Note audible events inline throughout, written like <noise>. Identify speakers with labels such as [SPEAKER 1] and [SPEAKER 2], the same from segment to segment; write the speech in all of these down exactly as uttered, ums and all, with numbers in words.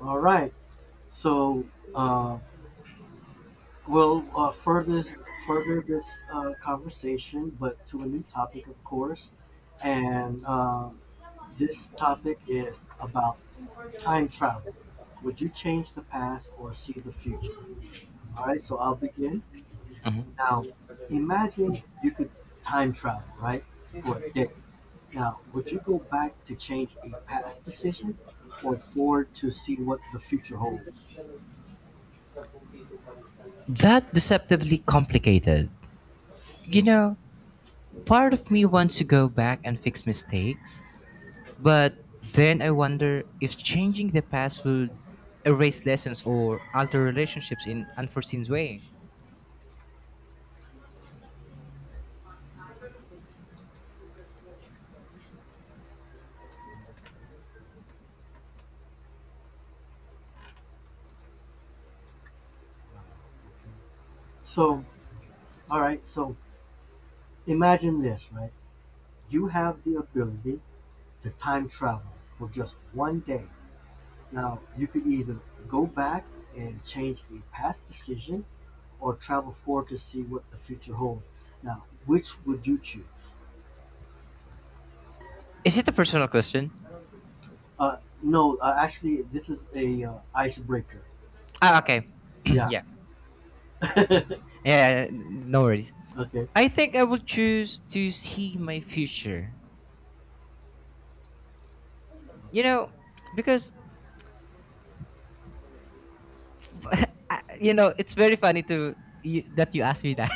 [SPEAKER 1] All right. So uh, we'll uh, further further this uh, conversation, but to a new topic, of course. And uh, this topic is about time travel. Would you change the past or see the future? All right. So I'll begin. Now, imagine you could time travel, right, for a day. Now, would you go back to change a past decision or forward to see what the future holds?
[SPEAKER 2] That deceptively complicated. You know, part of me wants to go back and fix mistakes, but then I wonder if changing the past would erase lessons or alter relationships in unforeseen way.
[SPEAKER 1] So All right, so imagine this, right? You have the ability to time travel for just one day. Now, you could either go back and change a past decision or travel forward to see what the future holds. Now, which would you choose?
[SPEAKER 2] Is it a personal question?
[SPEAKER 1] Uh, no, uh, actually, this is a uh, icebreaker.
[SPEAKER 2] Ah, okay. <clears throat>
[SPEAKER 1] Yeah.
[SPEAKER 2] yeah. Yeah, no worries.
[SPEAKER 1] Okay.
[SPEAKER 2] I think I will choose to see my future. You know, because I, you know, it's very funny to you, that you asked me that.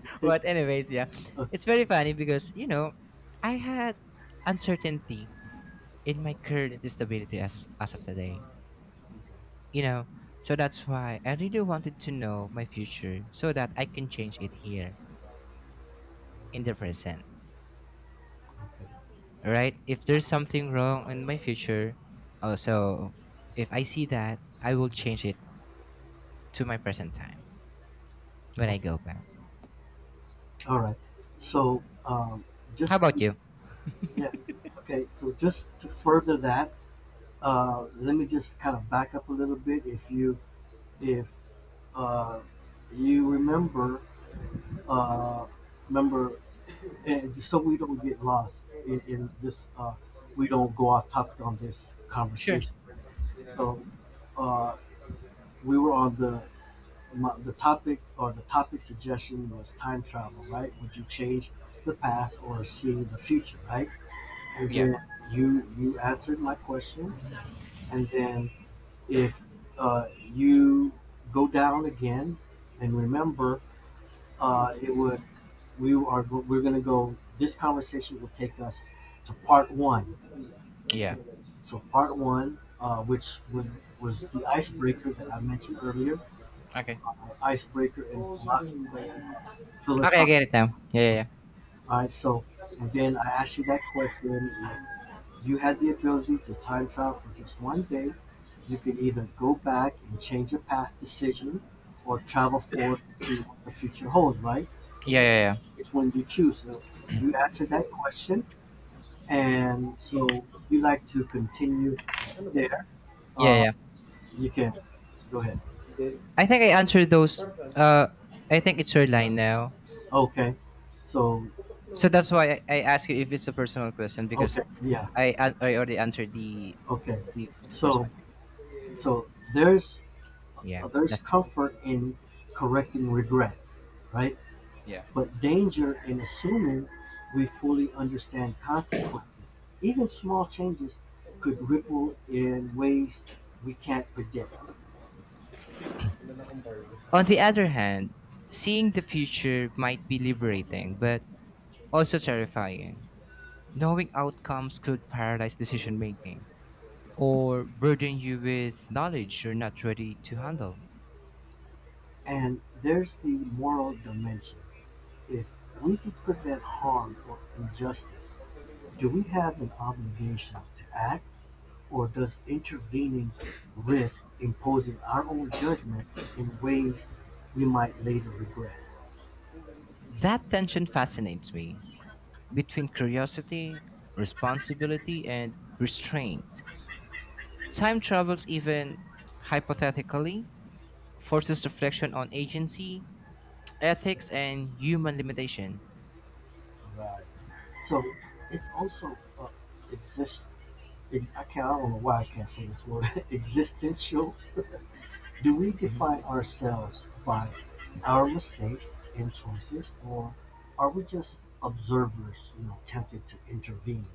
[SPEAKER 2] <laughs>
[SPEAKER 1] <laughs> okay.
[SPEAKER 2] but anyways, yeah,
[SPEAKER 1] Okay.
[SPEAKER 2] it's very funny because you know I had uncertainty in my current stability as as of today. You know, so that's why I really wanted to know my future so that I can change it here in the present. Right? If there's something wrong in my future, also if I see that, I will change it to my present time when I
[SPEAKER 1] Okay.
[SPEAKER 2] go back.
[SPEAKER 1] All right. So, um,
[SPEAKER 2] How
[SPEAKER 1] just
[SPEAKER 2] about
[SPEAKER 1] to,
[SPEAKER 2] you?
[SPEAKER 1] yeah. Okay. So, just to further that, Uh, let me just kind of back up a little bit. If you if uh, you remember uh, Remember, and just so we don't get lost in, in this, uh, we don't go off topic on this
[SPEAKER 2] Sure.
[SPEAKER 1] conversation. So uh, we were on the my, the topic or the topic suggestion was time travel, right? Would you change the past or see the future, right? And
[SPEAKER 2] Yeah.
[SPEAKER 1] then you you answered my question, and then if uh, you go down again and remember uh, it would we are we're going to go this conversation will take us to part one,
[SPEAKER 2] Yeah.
[SPEAKER 1] so part one, uh, which would was the icebreaker that I mentioned earlier,
[SPEAKER 2] Okay.
[SPEAKER 1] uh, icebreaker and philosophical, uh,
[SPEAKER 2] Okay, I
[SPEAKER 1] philosophical
[SPEAKER 2] get it now. Yeah,
[SPEAKER 1] all
[SPEAKER 2] yeah,
[SPEAKER 1] right, so and then I asked you that question. If you had the ability to time travel for just one day. You could either go back and change a past decision or travel forward to see what the future holds, right?
[SPEAKER 2] yeah, yeah, yeah,
[SPEAKER 1] Which one do you choose? So you answered that question. And so if you like to continue there,
[SPEAKER 2] yeah, yeah,
[SPEAKER 1] uh,
[SPEAKER 2] yeah.
[SPEAKER 1] you can go ahead.
[SPEAKER 2] I think I answered those. Uh, I think it's your line now.
[SPEAKER 1] Okay. So,
[SPEAKER 2] So that's why I, I ask you if it's a personal question because
[SPEAKER 1] okay. Yeah.
[SPEAKER 2] I an- I already answered the,
[SPEAKER 1] Okay.
[SPEAKER 2] the the first
[SPEAKER 1] So,
[SPEAKER 2] one.
[SPEAKER 1] so there's,
[SPEAKER 2] Yeah,
[SPEAKER 1] uh, there's
[SPEAKER 2] that's it.
[SPEAKER 1] comfort in correcting regrets, right?
[SPEAKER 2] Yeah.
[SPEAKER 1] But danger in assuming we fully understand consequences. Even small changes could ripple in ways we can't predict.
[SPEAKER 2] On the other hand, seeing the future might be liberating, but also terrifying. Knowing outcomes could paralyze decision making or burden you with knowledge you're not ready to handle.
[SPEAKER 1] And there's the moral dimension. If we can prevent harm or injustice, do we have an obligation to act, or does intervening risk imposing our own judgment in ways we might later regret?
[SPEAKER 2] That tension fascinates me. between curiosity, responsibility, and restraint. Time travels, even hypothetically, forces reflection on agency, ethics, and human limitation.
[SPEAKER 1] Right. So it's also uh, exists ex- I can't. I don't know why I can't say this word. <laughs> Existential. Do we
[SPEAKER 2] Mhm.
[SPEAKER 1] define ourselves by our mistakes and choices, or are we just observers? You know, tempted to intervene.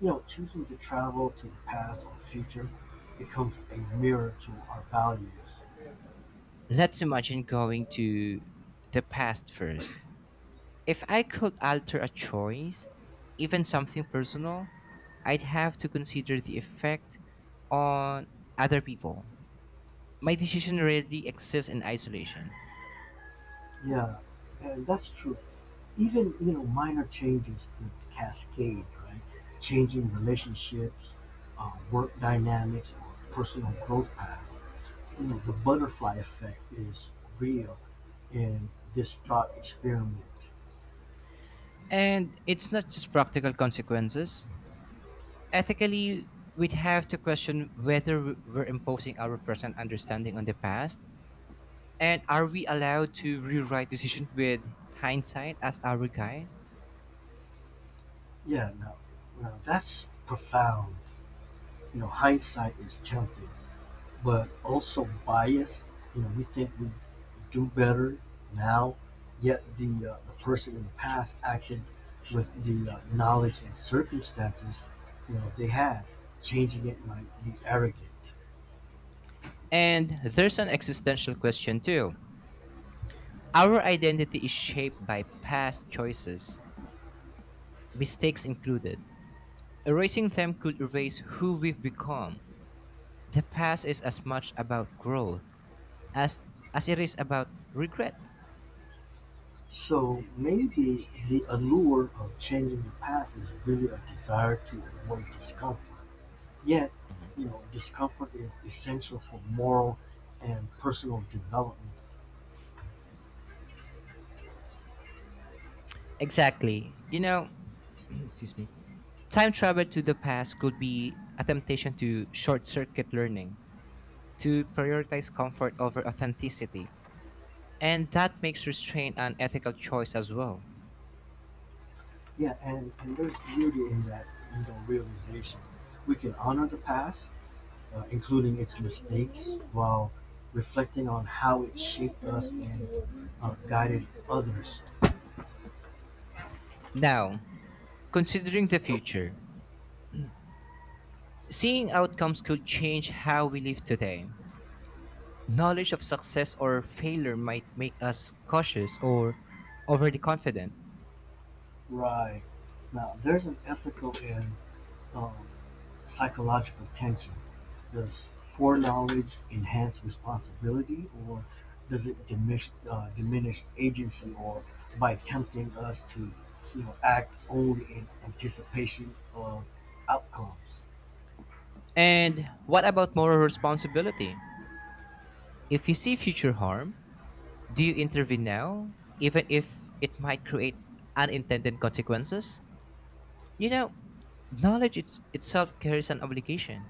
[SPEAKER 1] You know, choosing to travel to the past or future becomes a mirror to our values.
[SPEAKER 2] Let's imagine going to the past first. If I could alter a choice, even something personal, I'd have to consider the effect on other people. My decision rarely exists in isolation.
[SPEAKER 1] Yeah, and that's true. Even you know, minor changes could cascade, right? Changing relationships, uh, work dynamics, or personal growth paths. You know the butterfly effect is real in this thought experiment.
[SPEAKER 2] And it's not just practical consequences, Ethically, we'd have to question whether we're imposing our present understanding on the past, and are we allowed to rewrite decisions with hindsight as our guide?
[SPEAKER 1] Yeah, no, no, that's profound. You know, hindsight is tempting, but also biased. You know, we think we do better now, yet the uh, the person in the past acted with the uh, knowledge and circumstances you know they had. Changing it might be arrogant.
[SPEAKER 2] And there's an existential question too. Our identity is shaped by past choices, mistakes included. Erasing them could erase who we've become. The past is as much about growth as as it is about regret.
[SPEAKER 1] So maybe the allure of changing the past is really a desire to avoid discomfort. Yet, you know, discomfort is essential for moral and personal development.
[SPEAKER 2] Exactly. You know, <clears throat> excuse me. Time travel to the past could be a temptation to short circuit learning, to prioritize comfort over authenticity, and that makes restraint an ethical choice as well.
[SPEAKER 1] Yeah, and, and there's beauty in that, you know, realization. We can honor the past, uh, including its mistakes, while reflecting on how it shaped us and uh, guided others.
[SPEAKER 2] Now, considering the future, seeing outcomes could change how we live today. Knowledge of success or failure might make us cautious or overly confident.
[SPEAKER 1] Right. Now, there's an ethical and um, psychological tension: does foreknowledge enhance responsibility, or does it diminish uh, diminish agency, or by tempting us to, you know, act only in anticipation of outcomes?
[SPEAKER 2] And what about moral responsibility? If you see future harm, Do you intervene now, even if it might create unintended consequences? You know, knowledge it's, itself carries an obligation.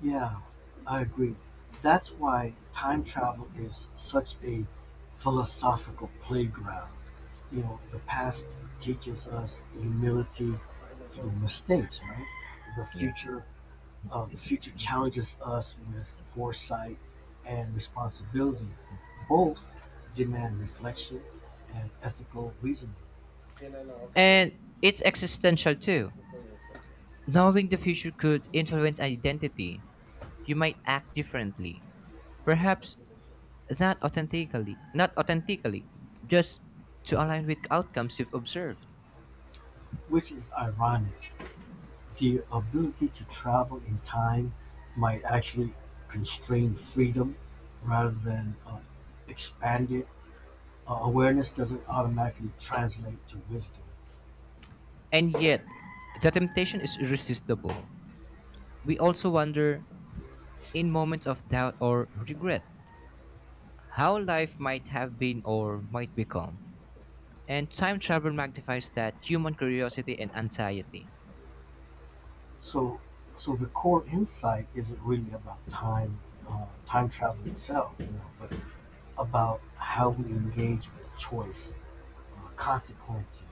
[SPEAKER 1] Yeah, I agree. That's why time travel is such a philosophical playground. You know, the past teaches us humility through mistakes, right? The
[SPEAKER 2] Yeah.
[SPEAKER 1] future Um, the future challenges us with foresight and responsibility. Both demand reflection and ethical reasoning,
[SPEAKER 2] And it's existential too. Knowing the future could influence identity. You might act differently. Perhaps not authentically, not authentically, just to align with outcomes you've observed.
[SPEAKER 1] which is ironic. The ability to travel in time might actually constrain freedom rather than uh, expand it. Uh, awareness doesn't automatically translate to wisdom.
[SPEAKER 2] And yet, the temptation is irresistible. We also wonder in moments of doubt or regret how life might have been or might become. And time travel magnifies that human curiosity and anxiety.
[SPEAKER 1] So, so the core insight isn't really about time, uh, time travel itself, you know, but about how we engage with choice, uh, consequence,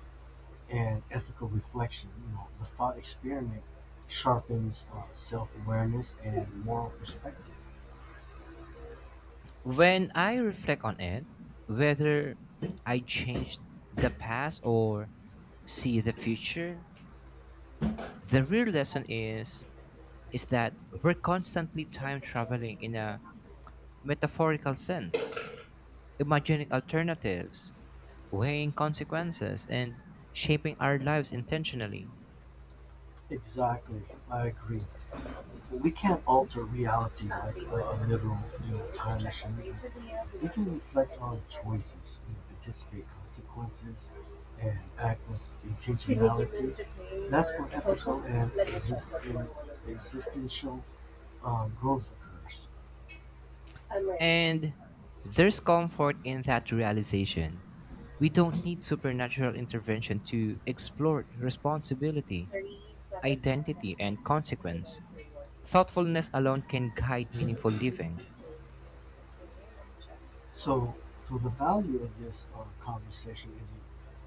[SPEAKER 1] and ethical reflection. You know, the thought experiment sharpens uh, self-awareness and moral perspective.
[SPEAKER 2] When I reflect on it, whether I changed the past or see the future, the
[SPEAKER 1] Thank you
[SPEAKER 2] real
[SPEAKER 1] for
[SPEAKER 2] lesson
[SPEAKER 1] helping
[SPEAKER 2] is
[SPEAKER 1] me understand the
[SPEAKER 2] is that
[SPEAKER 1] services.
[SPEAKER 2] we're constantly
[SPEAKER 1] This
[SPEAKER 2] time
[SPEAKER 1] is really
[SPEAKER 2] traveling
[SPEAKER 1] where
[SPEAKER 2] in
[SPEAKER 1] you will
[SPEAKER 2] a
[SPEAKER 1] have.
[SPEAKER 2] metaphorical sense, imagining alternatives, weighing consequences, and shaping our lives intentionally.
[SPEAKER 1] Exactly, I agree. We can't alter reality like a little you know, time machine. We can reflect on choices, you know, anticipate consequences, and act with intentionality. That's where ethical and exist- existential um, growth occurs.
[SPEAKER 2] And there's comfort in that realization. We don't need supernatural intervention to explore responsibility, identity, and consequence. Thoughtfulness alone can guide meaningful living.
[SPEAKER 1] So, so the value of this uh, conversation isn't,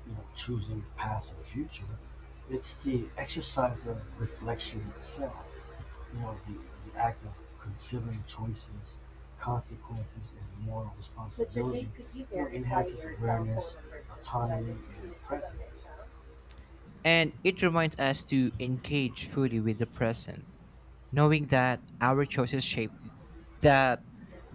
[SPEAKER 1] you know, choosing past or future. It's the exercise of reflection itself. You know, the, the act of considering choices, consequences, and moral mister responsibility G, could you you verify enhances your cell phone awareness, phone number so that I autonomy, can see and this without a presence.
[SPEAKER 2] And it reminds us to engage fully with the present, knowing that our choices shape that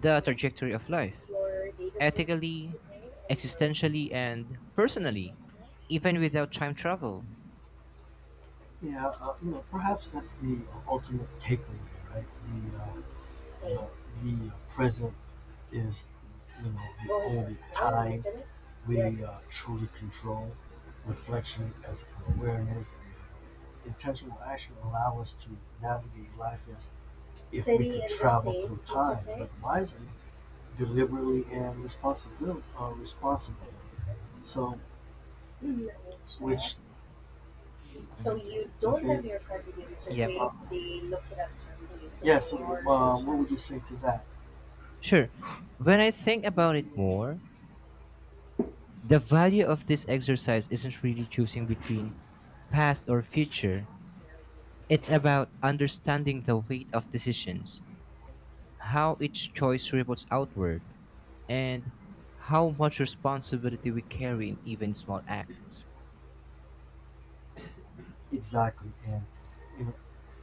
[SPEAKER 2] the trajectory of life,
[SPEAKER 1] Your date of birth,
[SPEAKER 2] ethically,
[SPEAKER 1] mister J, and your
[SPEAKER 2] existentially,
[SPEAKER 1] business
[SPEAKER 2] and
[SPEAKER 1] or living
[SPEAKER 2] personally,
[SPEAKER 1] address?
[SPEAKER 2] even without time travel.
[SPEAKER 1] Yeah, uh, you know, perhaps that's the ultimate takeaway, right? The uh, You know, the uh, present is you know the only time we uh, truly control. Reflection, ethical awareness, and intentional action allow us to navigate life as if we could travel through time, okay. But wisely, deliberately, and responsibly. Uh, responsibly. So, which So you don't Okay. have your card with you, mister
[SPEAKER 2] Yep.
[SPEAKER 1] Tate. Uh, they look it up, sir. What do you say? Yeah, so More uh, what would you say to that?
[SPEAKER 2] Sure. When I think about it more, the value of this exercise isn't really choosing between past or future. It's about understanding the weight of decisions, how each choice ripples outward, and how much responsibility we carry in even small acts.
[SPEAKER 1] Exactly, and you know,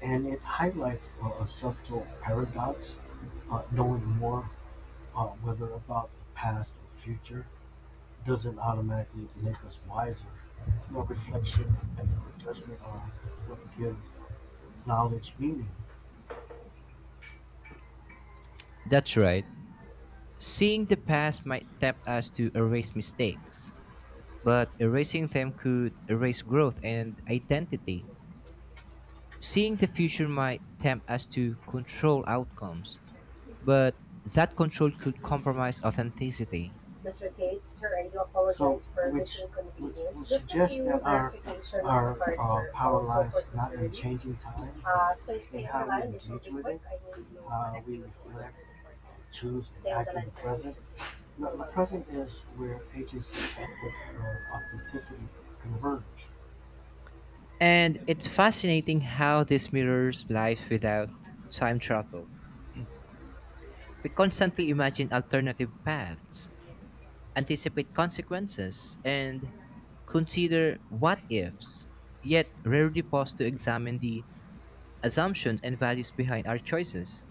[SPEAKER 1] and it highlights uh, a subtle paradox. Uh, knowing more, uh, whether about the past or future, doesn't automatically make us wiser. You know, reflection and ethical judgment are what give knowledge meaning.
[SPEAKER 2] That's right. Seeing the past might tempt us to erase mistakes, but erasing them could erase growth and identity. Seeing the future might tempt us to control outcomes, but that control could compromise authenticity.
[SPEAKER 1] mister Tate, sir, I do apologize so, for which- this inconvenience. Which would suggest that our- clarification on our uh, power also lines for not in changing time, uh, since and how we underlying engage with it, how we reflect choose and act in the present. No, the present is where agency ethics or authenticity converge.
[SPEAKER 2] And it's fascinating how this mirrors life without time travel. We constantly imagine alternative paths, anticipate consequences, and consider what ifs, yet rarely pause to examine the assumptions and values behind our choices.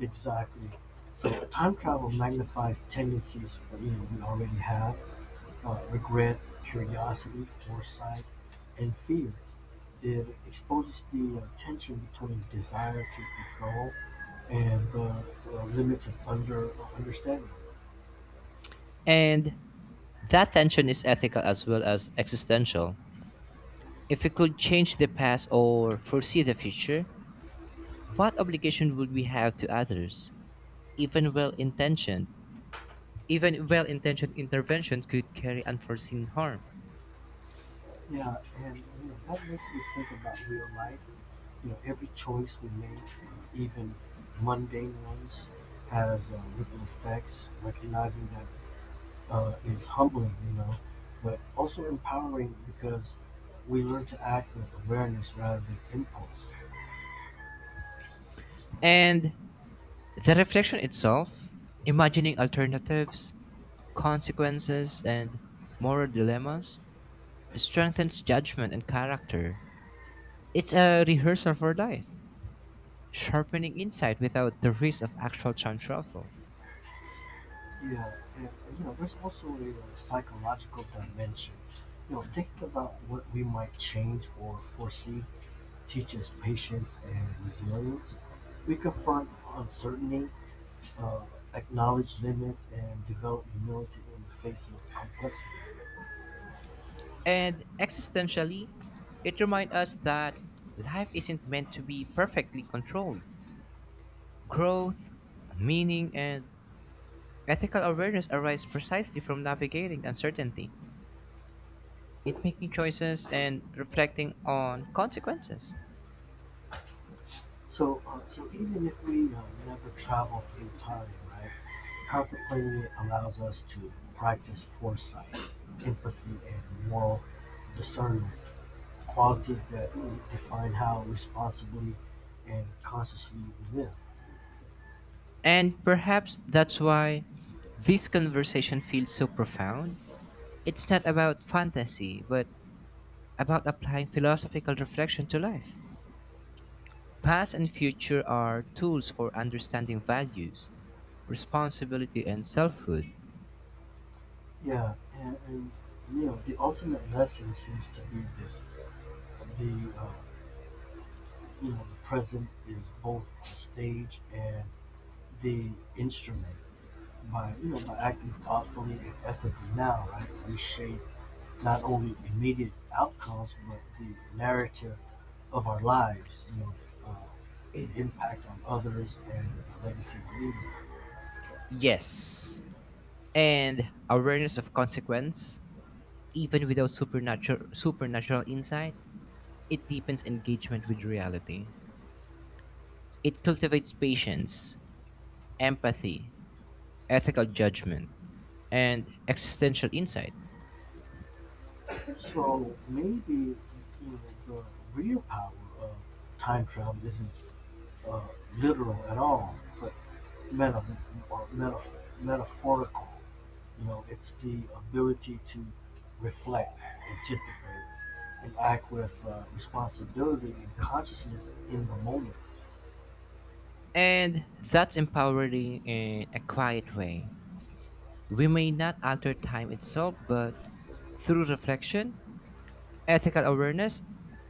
[SPEAKER 1] Exactly. So time travel magnifies tendencies that, you know we already have: uh, regret, curiosity, foresight, and fear. It exposes the uh, tension between desire to control and the uh, limits of under understanding.
[SPEAKER 2] And that tension is ethical as well as existential. If we could change the past or foresee the future, what obligation would we have to others? Even well-intentioned, even well-intentioned intervention could carry unforeseen harm.
[SPEAKER 1] Yeah, and you know that makes me think about real life. You know, every choice we make, uh, even mundane ones, has uh, ripple effects. Recognizing that uh, is humbling, you know, but also empowering because we learn to act with awareness rather than impulse.
[SPEAKER 2] And the reflection itself, imagining alternatives, consequences, and moral dilemmas, strengthens judgment and character. It's a rehearsal for life, sharpening insight without the risk of actual time travel.
[SPEAKER 1] Yeah, and and, you know, there's also a uh, psychological dimension. You know, thinking about what we might change or foresee teaches patience and resilience. We confront uncertainty, uh, acknowledge limits, and develop humility in the face of complexity.
[SPEAKER 2] And existentially, it reminds us that life isn't meant to be perfectly controlled. Growth, meaning, and ethical awareness arise precisely from navigating uncertainty, it making choices and reflecting on consequences.
[SPEAKER 1] So, uh, so even if we uh, never travel through time, right? Contemplating it allows us to practice foresight, empathy, and moral discernment qualities that define how responsibly and consciously we live.
[SPEAKER 2] And perhaps that's why this conversation feels so profound. It's not about fantasy, but about applying philosophical reflection to life. Past and future are tools for understanding values, responsibility, and selfhood.
[SPEAKER 1] Yeah, and, and you know the ultimate lesson seems to be this: the uh, you know the present is both the stage and the instrument. By you know by acting thoughtfully and ethically now, right, we shape not only immediate outcomes but the narrative of our lives. You know, uh, the uh, impact on others and the legacy we leave.
[SPEAKER 2] Yes. And awareness of consequence, even without supernatural supernatural insight, it deepens engagement with reality. It cultivates patience, empathy, ethical judgment, and existential insight.
[SPEAKER 1] So maybe you know, the real power of time travel isn't uh, literal at all, but meta or meta, metaphorical. You know, it's the ability to reflect, anticipate, and act with uh, responsibility and consciousness in the moment.
[SPEAKER 2] And that's empowering in a quiet way. We may not alter time itself, but through reflection, ethical awareness,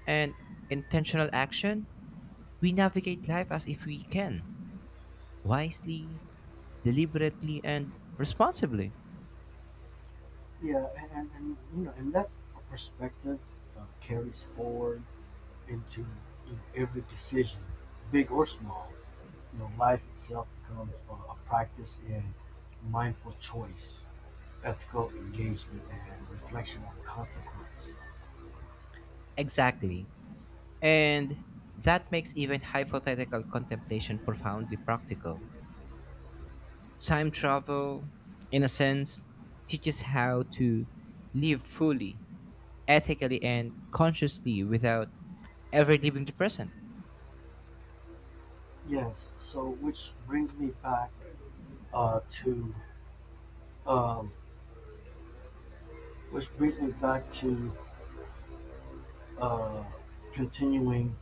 [SPEAKER 2] and intentional action, we navigate life as if we can, wisely, deliberately, and responsibly.
[SPEAKER 1] Yeah, and, and, and you know, and that perspective uh, carries forward into you know, every decision, big or small. You know, life itself becomes uh, a practice in mindful choice, ethical engagement, and reflection on consequence.
[SPEAKER 2] Exactly. And that makes even hypothetical contemplation profoundly practical. Time travel, in a sense, teaches how to live fully, ethically, and consciously without ever leaving the present.
[SPEAKER 1] Yes, so which brings me back uh, to um, which brings me back to uh, continuing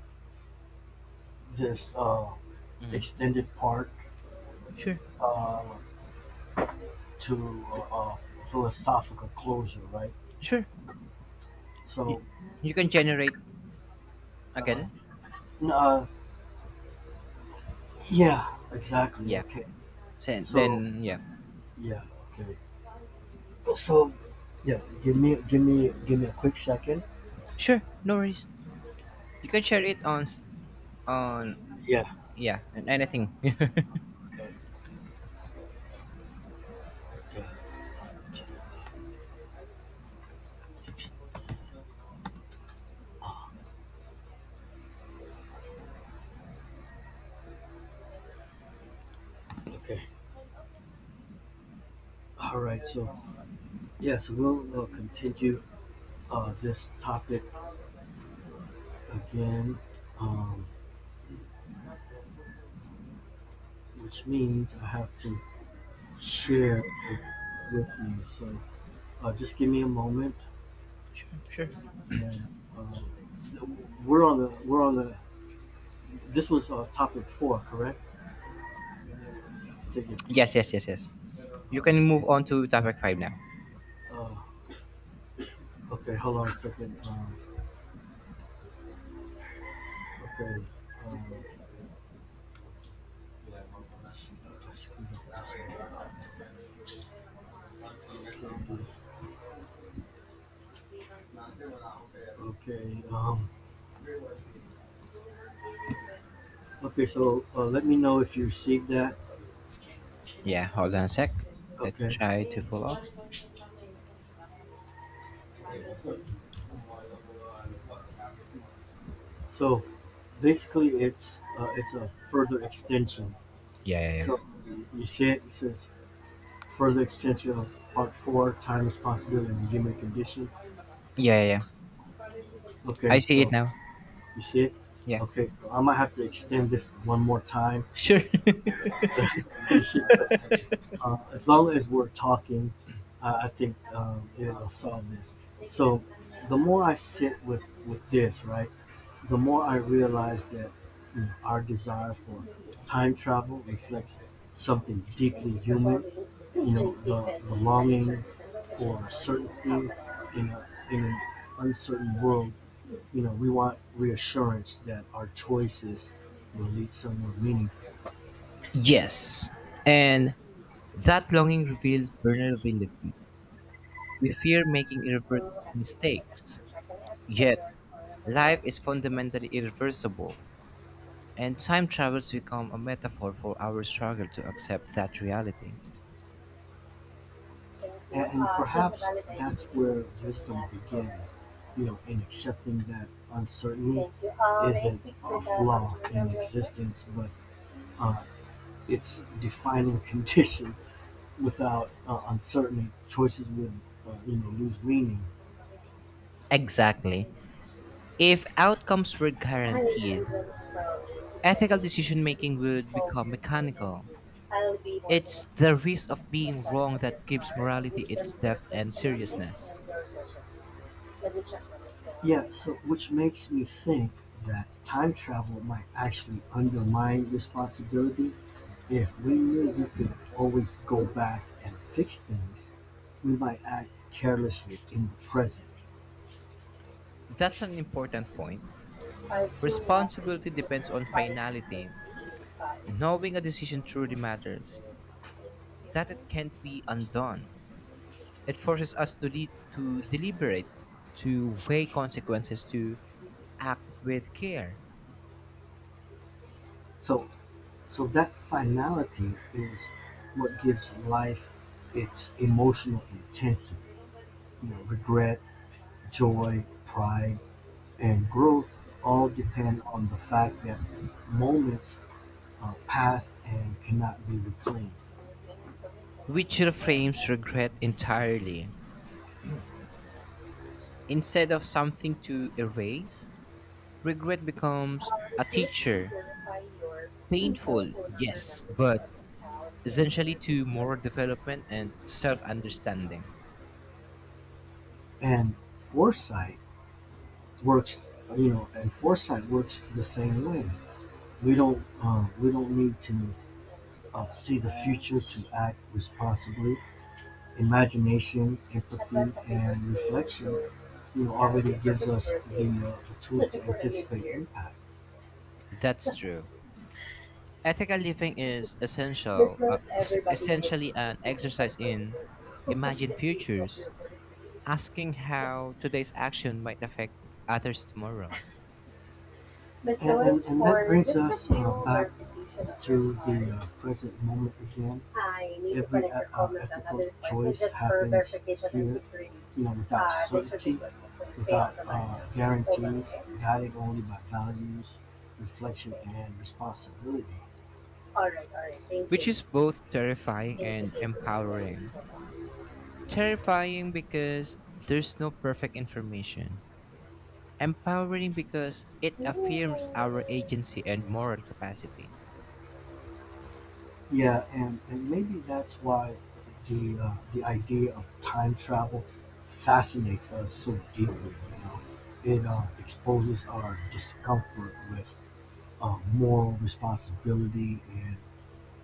[SPEAKER 1] this uh,
[SPEAKER 2] Mhm.
[SPEAKER 1] extended part
[SPEAKER 2] Sure,
[SPEAKER 1] uh, to a, philosophical closure, right?
[SPEAKER 2] sure. You,
[SPEAKER 1] So,
[SPEAKER 2] you can generate
[SPEAKER 1] uh,
[SPEAKER 2] again.
[SPEAKER 1] n- uh, yeah, exactly.
[SPEAKER 2] Yeah.
[SPEAKER 1] Okay,
[SPEAKER 2] Send
[SPEAKER 1] so
[SPEAKER 2] then yeah.
[SPEAKER 1] yeah, okay. So, yeah, give me give me give me a quick second.
[SPEAKER 2] Sure, no worries. You can share it on s- on
[SPEAKER 1] Yeah.
[SPEAKER 2] yeah, on anything. <laughs>
[SPEAKER 1] Okay. Okay. Okay. All right. So yes, we'll uh, continue uh, this topic again, um, which means I have to share it with you. So uh, just give me a moment,
[SPEAKER 2] sure, sure.
[SPEAKER 1] and um, we're on the we're on the. This was uh, topic four, correct? I think it
[SPEAKER 2] Yes,
[SPEAKER 1] was.
[SPEAKER 2] yes, yes, yes. You can
[SPEAKER 1] Okay.
[SPEAKER 2] move on to topic five now.
[SPEAKER 1] Uh, okay. Hold on a second. Um, okay. Um, I screwed up this one. Big time. Okay, okay, um, okay. So uh, let me know if you received that.
[SPEAKER 2] Yeah, hold on a sec. Let's
[SPEAKER 1] Okay.
[SPEAKER 2] try to pull up.
[SPEAKER 1] So basically, it's uh, it's a further extension.
[SPEAKER 2] Yeah, yeah, yeah.
[SPEAKER 1] So you you see it, it says further extension of part four, time, responsibility, and human condition.
[SPEAKER 2] Yeah, yeah, yeah. I
[SPEAKER 1] Okay.
[SPEAKER 2] see it
[SPEAKER 1] So
[SPEAKER 2] now.
[SPEAKER 1] you see it.
[SPEAKER 2] Yeah.
[SPEAKER 1] Okay. So I might have to extend this one more time
[SPEAKER 2] Sure.
[SPEAKER 1] to <laughs> finish it. But um, as long as we're talking, uh, I think um, it'll solve this. So the more I sit with with this, right, the more I realize that you know, our desire for time travel reflects something deeply human. You know, the, the longing for certainty in a, in an uncertain world. You know, we want reassurance that our choices will lead somewhere meaningful.
[SPEAKER 2] <laughs> yes. And that longing reveals vulnerability. We fear making irreversible mistakes. Yet, life is fundamentally irreversible. And time travels become a metaphor for our struggle to accept that reality.
[SPEAKER 1] And, and Uh, perhaps that's where wisdom begins, you know, in accepting that uncertainty Uh, isn't a flaw in existence, but uh, it's defining <laughs> condition. Without uh, uncertainty, choices would, uh, you know, lose meaning.
[SPEAKER 2] Exactly. If outcomes were
[SPEAKER 1] Hi,
[SPEAKER 2] guaranteed,
[SPEAKER 1] Logan from
[SPEAKER 2] Ethical
[SPEAKER 1] JCPenney.
[SPEAKER 2] decision making would
[SPEAKER 1] Call
[SPEAKER 2] become
[SPEAKER 1] here for that.
[SPEAKER 2] mechanical.
[SPEAKER 1] I'll be more than a
[SPEAKER 2] It's the risk of
[SPEAKER 1] my
[SPEAKER 2] being
[SPEAKER 1] status
[SPEAKER 2] wrong
[SPEAKER 1] of your
[SPEAKER 2] that gives
[SPEAKER 1] card. I will
[SPEAKER 2] morality
[SPEAKER 1] give
[SPEAKER 2] its
[SPEAKER 1] your
[SPEAKER 2] depth
[SPEAKER 1] first
[SPEAKER 2] and
[SPEAKER 1] financing
[SPEAKER 2] seriousness.
[SPEAKER 1] and your social skills. Let me check on this one. Yeah, one. So which makes me think that time travel might actually undermine responsibility. If we knew we could always go back and fix things, we might act carelessly in the present.
[SPEAKER 2] That's an important point.
[SPEAKER 1] five two one eight
[SPEAKER 2] Responsibility depends
[SPEAKER 1] zero
[SPEAKER 2] on
[SPEAKER 1] five
[SPEAKER 2] finality.
[SPEAKER 1] three eight five
[SPEAKER 2] Knowing a decision truly matters,
[SPEAKER 1] eight zero.
[SPEAKER 2] that it can't be undone. It forces us to lead, to deliberate, to weigh consequences, to act with care,
[SPEAKER 1] So, so that finality is what gives life its emotional intensity. You know, regret, joy, pride, and growth all depend on the fact that moments uh, pass and cannot be reclaimed.
[SPEAKER 2] which reframes regret entirely. Instead of something to erase, regret becomes
[SPEAKER 1] Uh,
[SPEAKER 2] a
[SPEAKER 1] this list can
[SPEAKER 2] teacher.
[SPEAKER 1] verify your cell
[SPEAKER 2] Painful,
[SPEAKER 1] phone number and
[SPEAKER 2] yes,
[SPEAKER 1] number for up
[SPEAKER 2] but
[SPEAKER 1] to town ten
[SPEAKER 2] essentially to
[SPEAKER 1] future.
[SPEAKER 2] moral development and self understanding.
[SPEAKER 1] And foresight works You know, and foresight works the same way. We don't um, we don't need to uh, see the future to act responsibly. Imagination, empathy, and reflection, you know, already gives us the, uh, the tools to anticipate impact.
[SPEAKER 2] That's true. Ethical living is essential,
[SPEAKER 1] This
[SPEAKER 2] uh,
[SPEAKER 1] knows
[SPEAKER 2] es-
[SPEAKER 1] everybody and
[SPEAKER 2] essentially an
[SPEAKER 1] including some
[SPEAKER 2] exercise in
[SPEAKER 1] verticals.
[SPEAKER 2] imagined
[SPEAKER 1] The <laughs> of
[SPEAKER 2] futures
[SPEAKER 1] your
[SPEAKER 2] asking how today's action might affect others tomorrow,
[SPEAKER 1] And- and- and that brings us, uh, back to the uh, present moment again, every, put uh, ethical choice happens here. You know, without Uh, certainty, without uh, guarantees, guided only by values, reflection, and responsibility. All right, all right, thank
[SPEAKER 2] which
[SPEAKER 1] you,
[SPEAKER 2] is both terrifying
[SPEAKER 1] thank
[SPEAKER 2] and
[SPEAKER 1] you,
[SPEAKER 2] empowering.
[SPEAKER 1] thank
[SPEAKER 2] Terrifying because there's no perfect information, empowering because it
[SPEAKER 1] you. Ooh.
[SPEAKER 2] affirms our agency and moral capacity.
[SPEAKER 1] Yeah, and, and maybe that's why the uh, the idea of time travel fascinates us so deeply. You know, it uh, exposes our discomfort with uh, moral responsibility and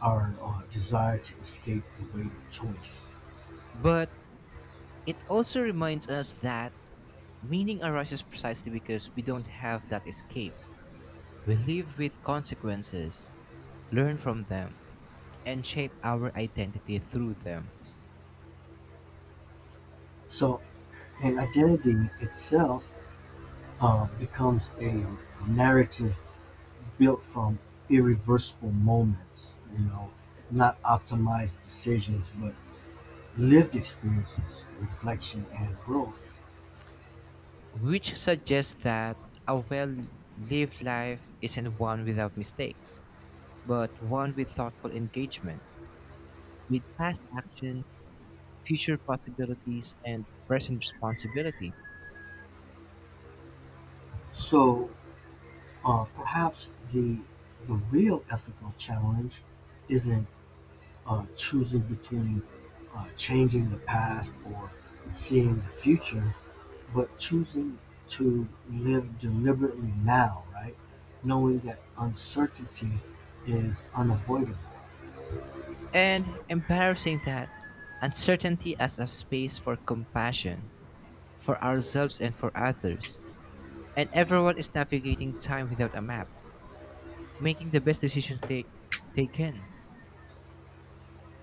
[SPEAKER 1] our uh, desire to escape the weight of choice.
[SPEAKER 2] But it also reminds us that meaning arises precisely because we don't have that escape. We live with consequences, learn from them, and shape our identity through them.
[SPEAKER 1] So, and identity itself uh, becomes a narrative built from irreversible moments. You know, not optimized decisions, but lived experiences, reflection, and growth.
[SPEAKER 2] which suggests that a well lived life isn't one without mistakes, but one with thoughtful engagement, with past actions, future possibilities, and present responsibility.
[SPEAKER 1] So uh, perhaps the the real ethical challenge isn't uh, choosing between uh, changing the past or seeing the future, but choosing to live deliberately now, right? Knowing that uncertainty is unavoidable.
[SPEAKER 2] And embarrassing that uncertainty as a space for compassion for ourselves and for others. And everyone is navigating time without a map, making the best decisions they, they can.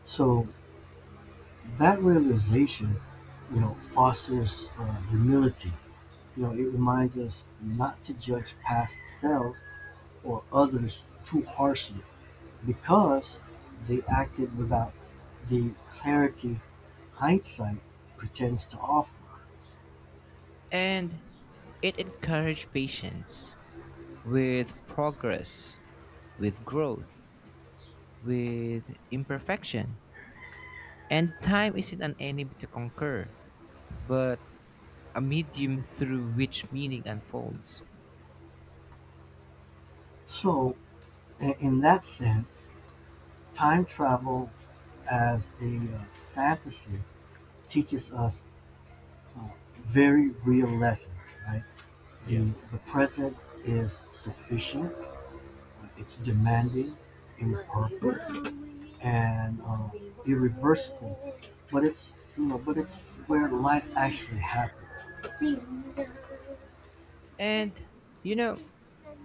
[SPEAKER 1] So that realization, you know, fosters uh, humility. You know, it reminds us not to judge past selves or others too harshly because they acted without the clarity hindsight pretends to offer.
[SPEAKER 2] And it encouraged patience, with progress, with growth, with imperfection. And time isn't an enemy to conquer, but a medium through which meaning unfolds.
[SPEAKER 1] So, i- in that sense, time travel as a uh, fantasy teaches us uh, very real lessons, right? The the present is sufficient, it's demanding, imperfect, and uh, irreversible. But it's you know, but it's where life actually happens.
[SPEAKER 2] And, you know,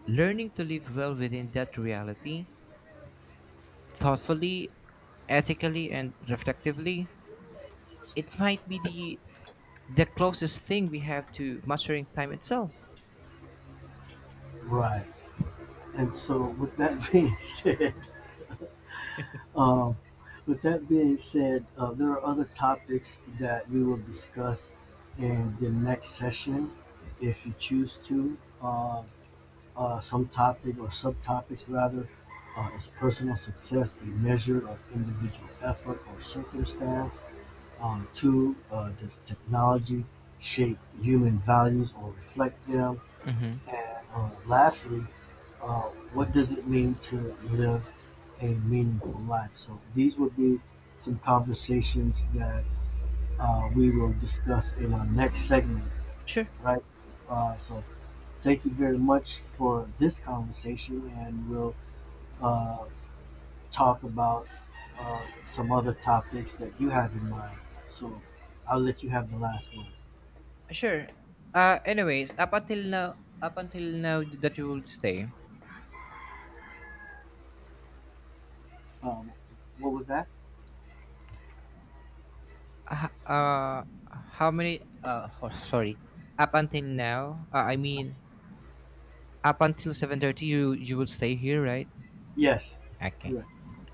[SPEAKER 2] learning to live well within that reality, thoughtfully, ethically, and reflectively, it might be the, the closest thing we have to mastering time itself.
[SPEAKER 1] Right? And so, with that being <laughs> said, um, with that being said, uh, there are other topics that we will discuss in the next session, if you choose to. Uh, uh, some topic or subtopics rather. Uh, is personal success a measure of individual effort or circumstance? Um, two, uh, does technology shape human values or reflect them?
[SPEAKER 2] Hmm.
[SPEAKER 1] And uh, lastly, uh, what does it mean to live a meaningful life? So these would be some conversations that uh, we will discuss in our next segment.
[SPEAKER 2] Sure,
[SPEAKER 1] Right. Uh, so, thank you very much for this conversation, and we'll uh, talk about uh, some other topics that you have in mind. So, I'll let you have the last word.
[SPEAKER 2] sure. Uh, anyways, up until now, up until now that you would stay,
[SPEAKER 1] Um, what was that?
[SPEAKER 2] h- uh, how many? Uh, oh, sorry. Up until now, uh, I mean, up until seven thirty, you you will stay here, right?
[SPEAKER 1] Yes,
[SPEAKER 2] Okay.
[SPEAKER 1] correct.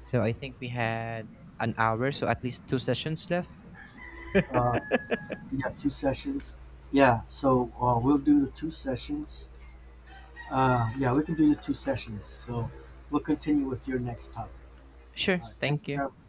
[SPEAKER 2] So I think we had an hour, so at least two sessions left.
[SPEAKER 1] Uh, yeah, two sessions. Yeah, so uh, we'll do the two sessions. Uh, yeah, we can do the two sessions. So, we'll continue with your next topic.
[SPEAKER 2] Sure.
[SPEAKER 1] All right. Thank
[SPEAKER 2] Thank
[SPEAKER 1] you
[SPEAKER 2] you.
[SPEAKER 1] very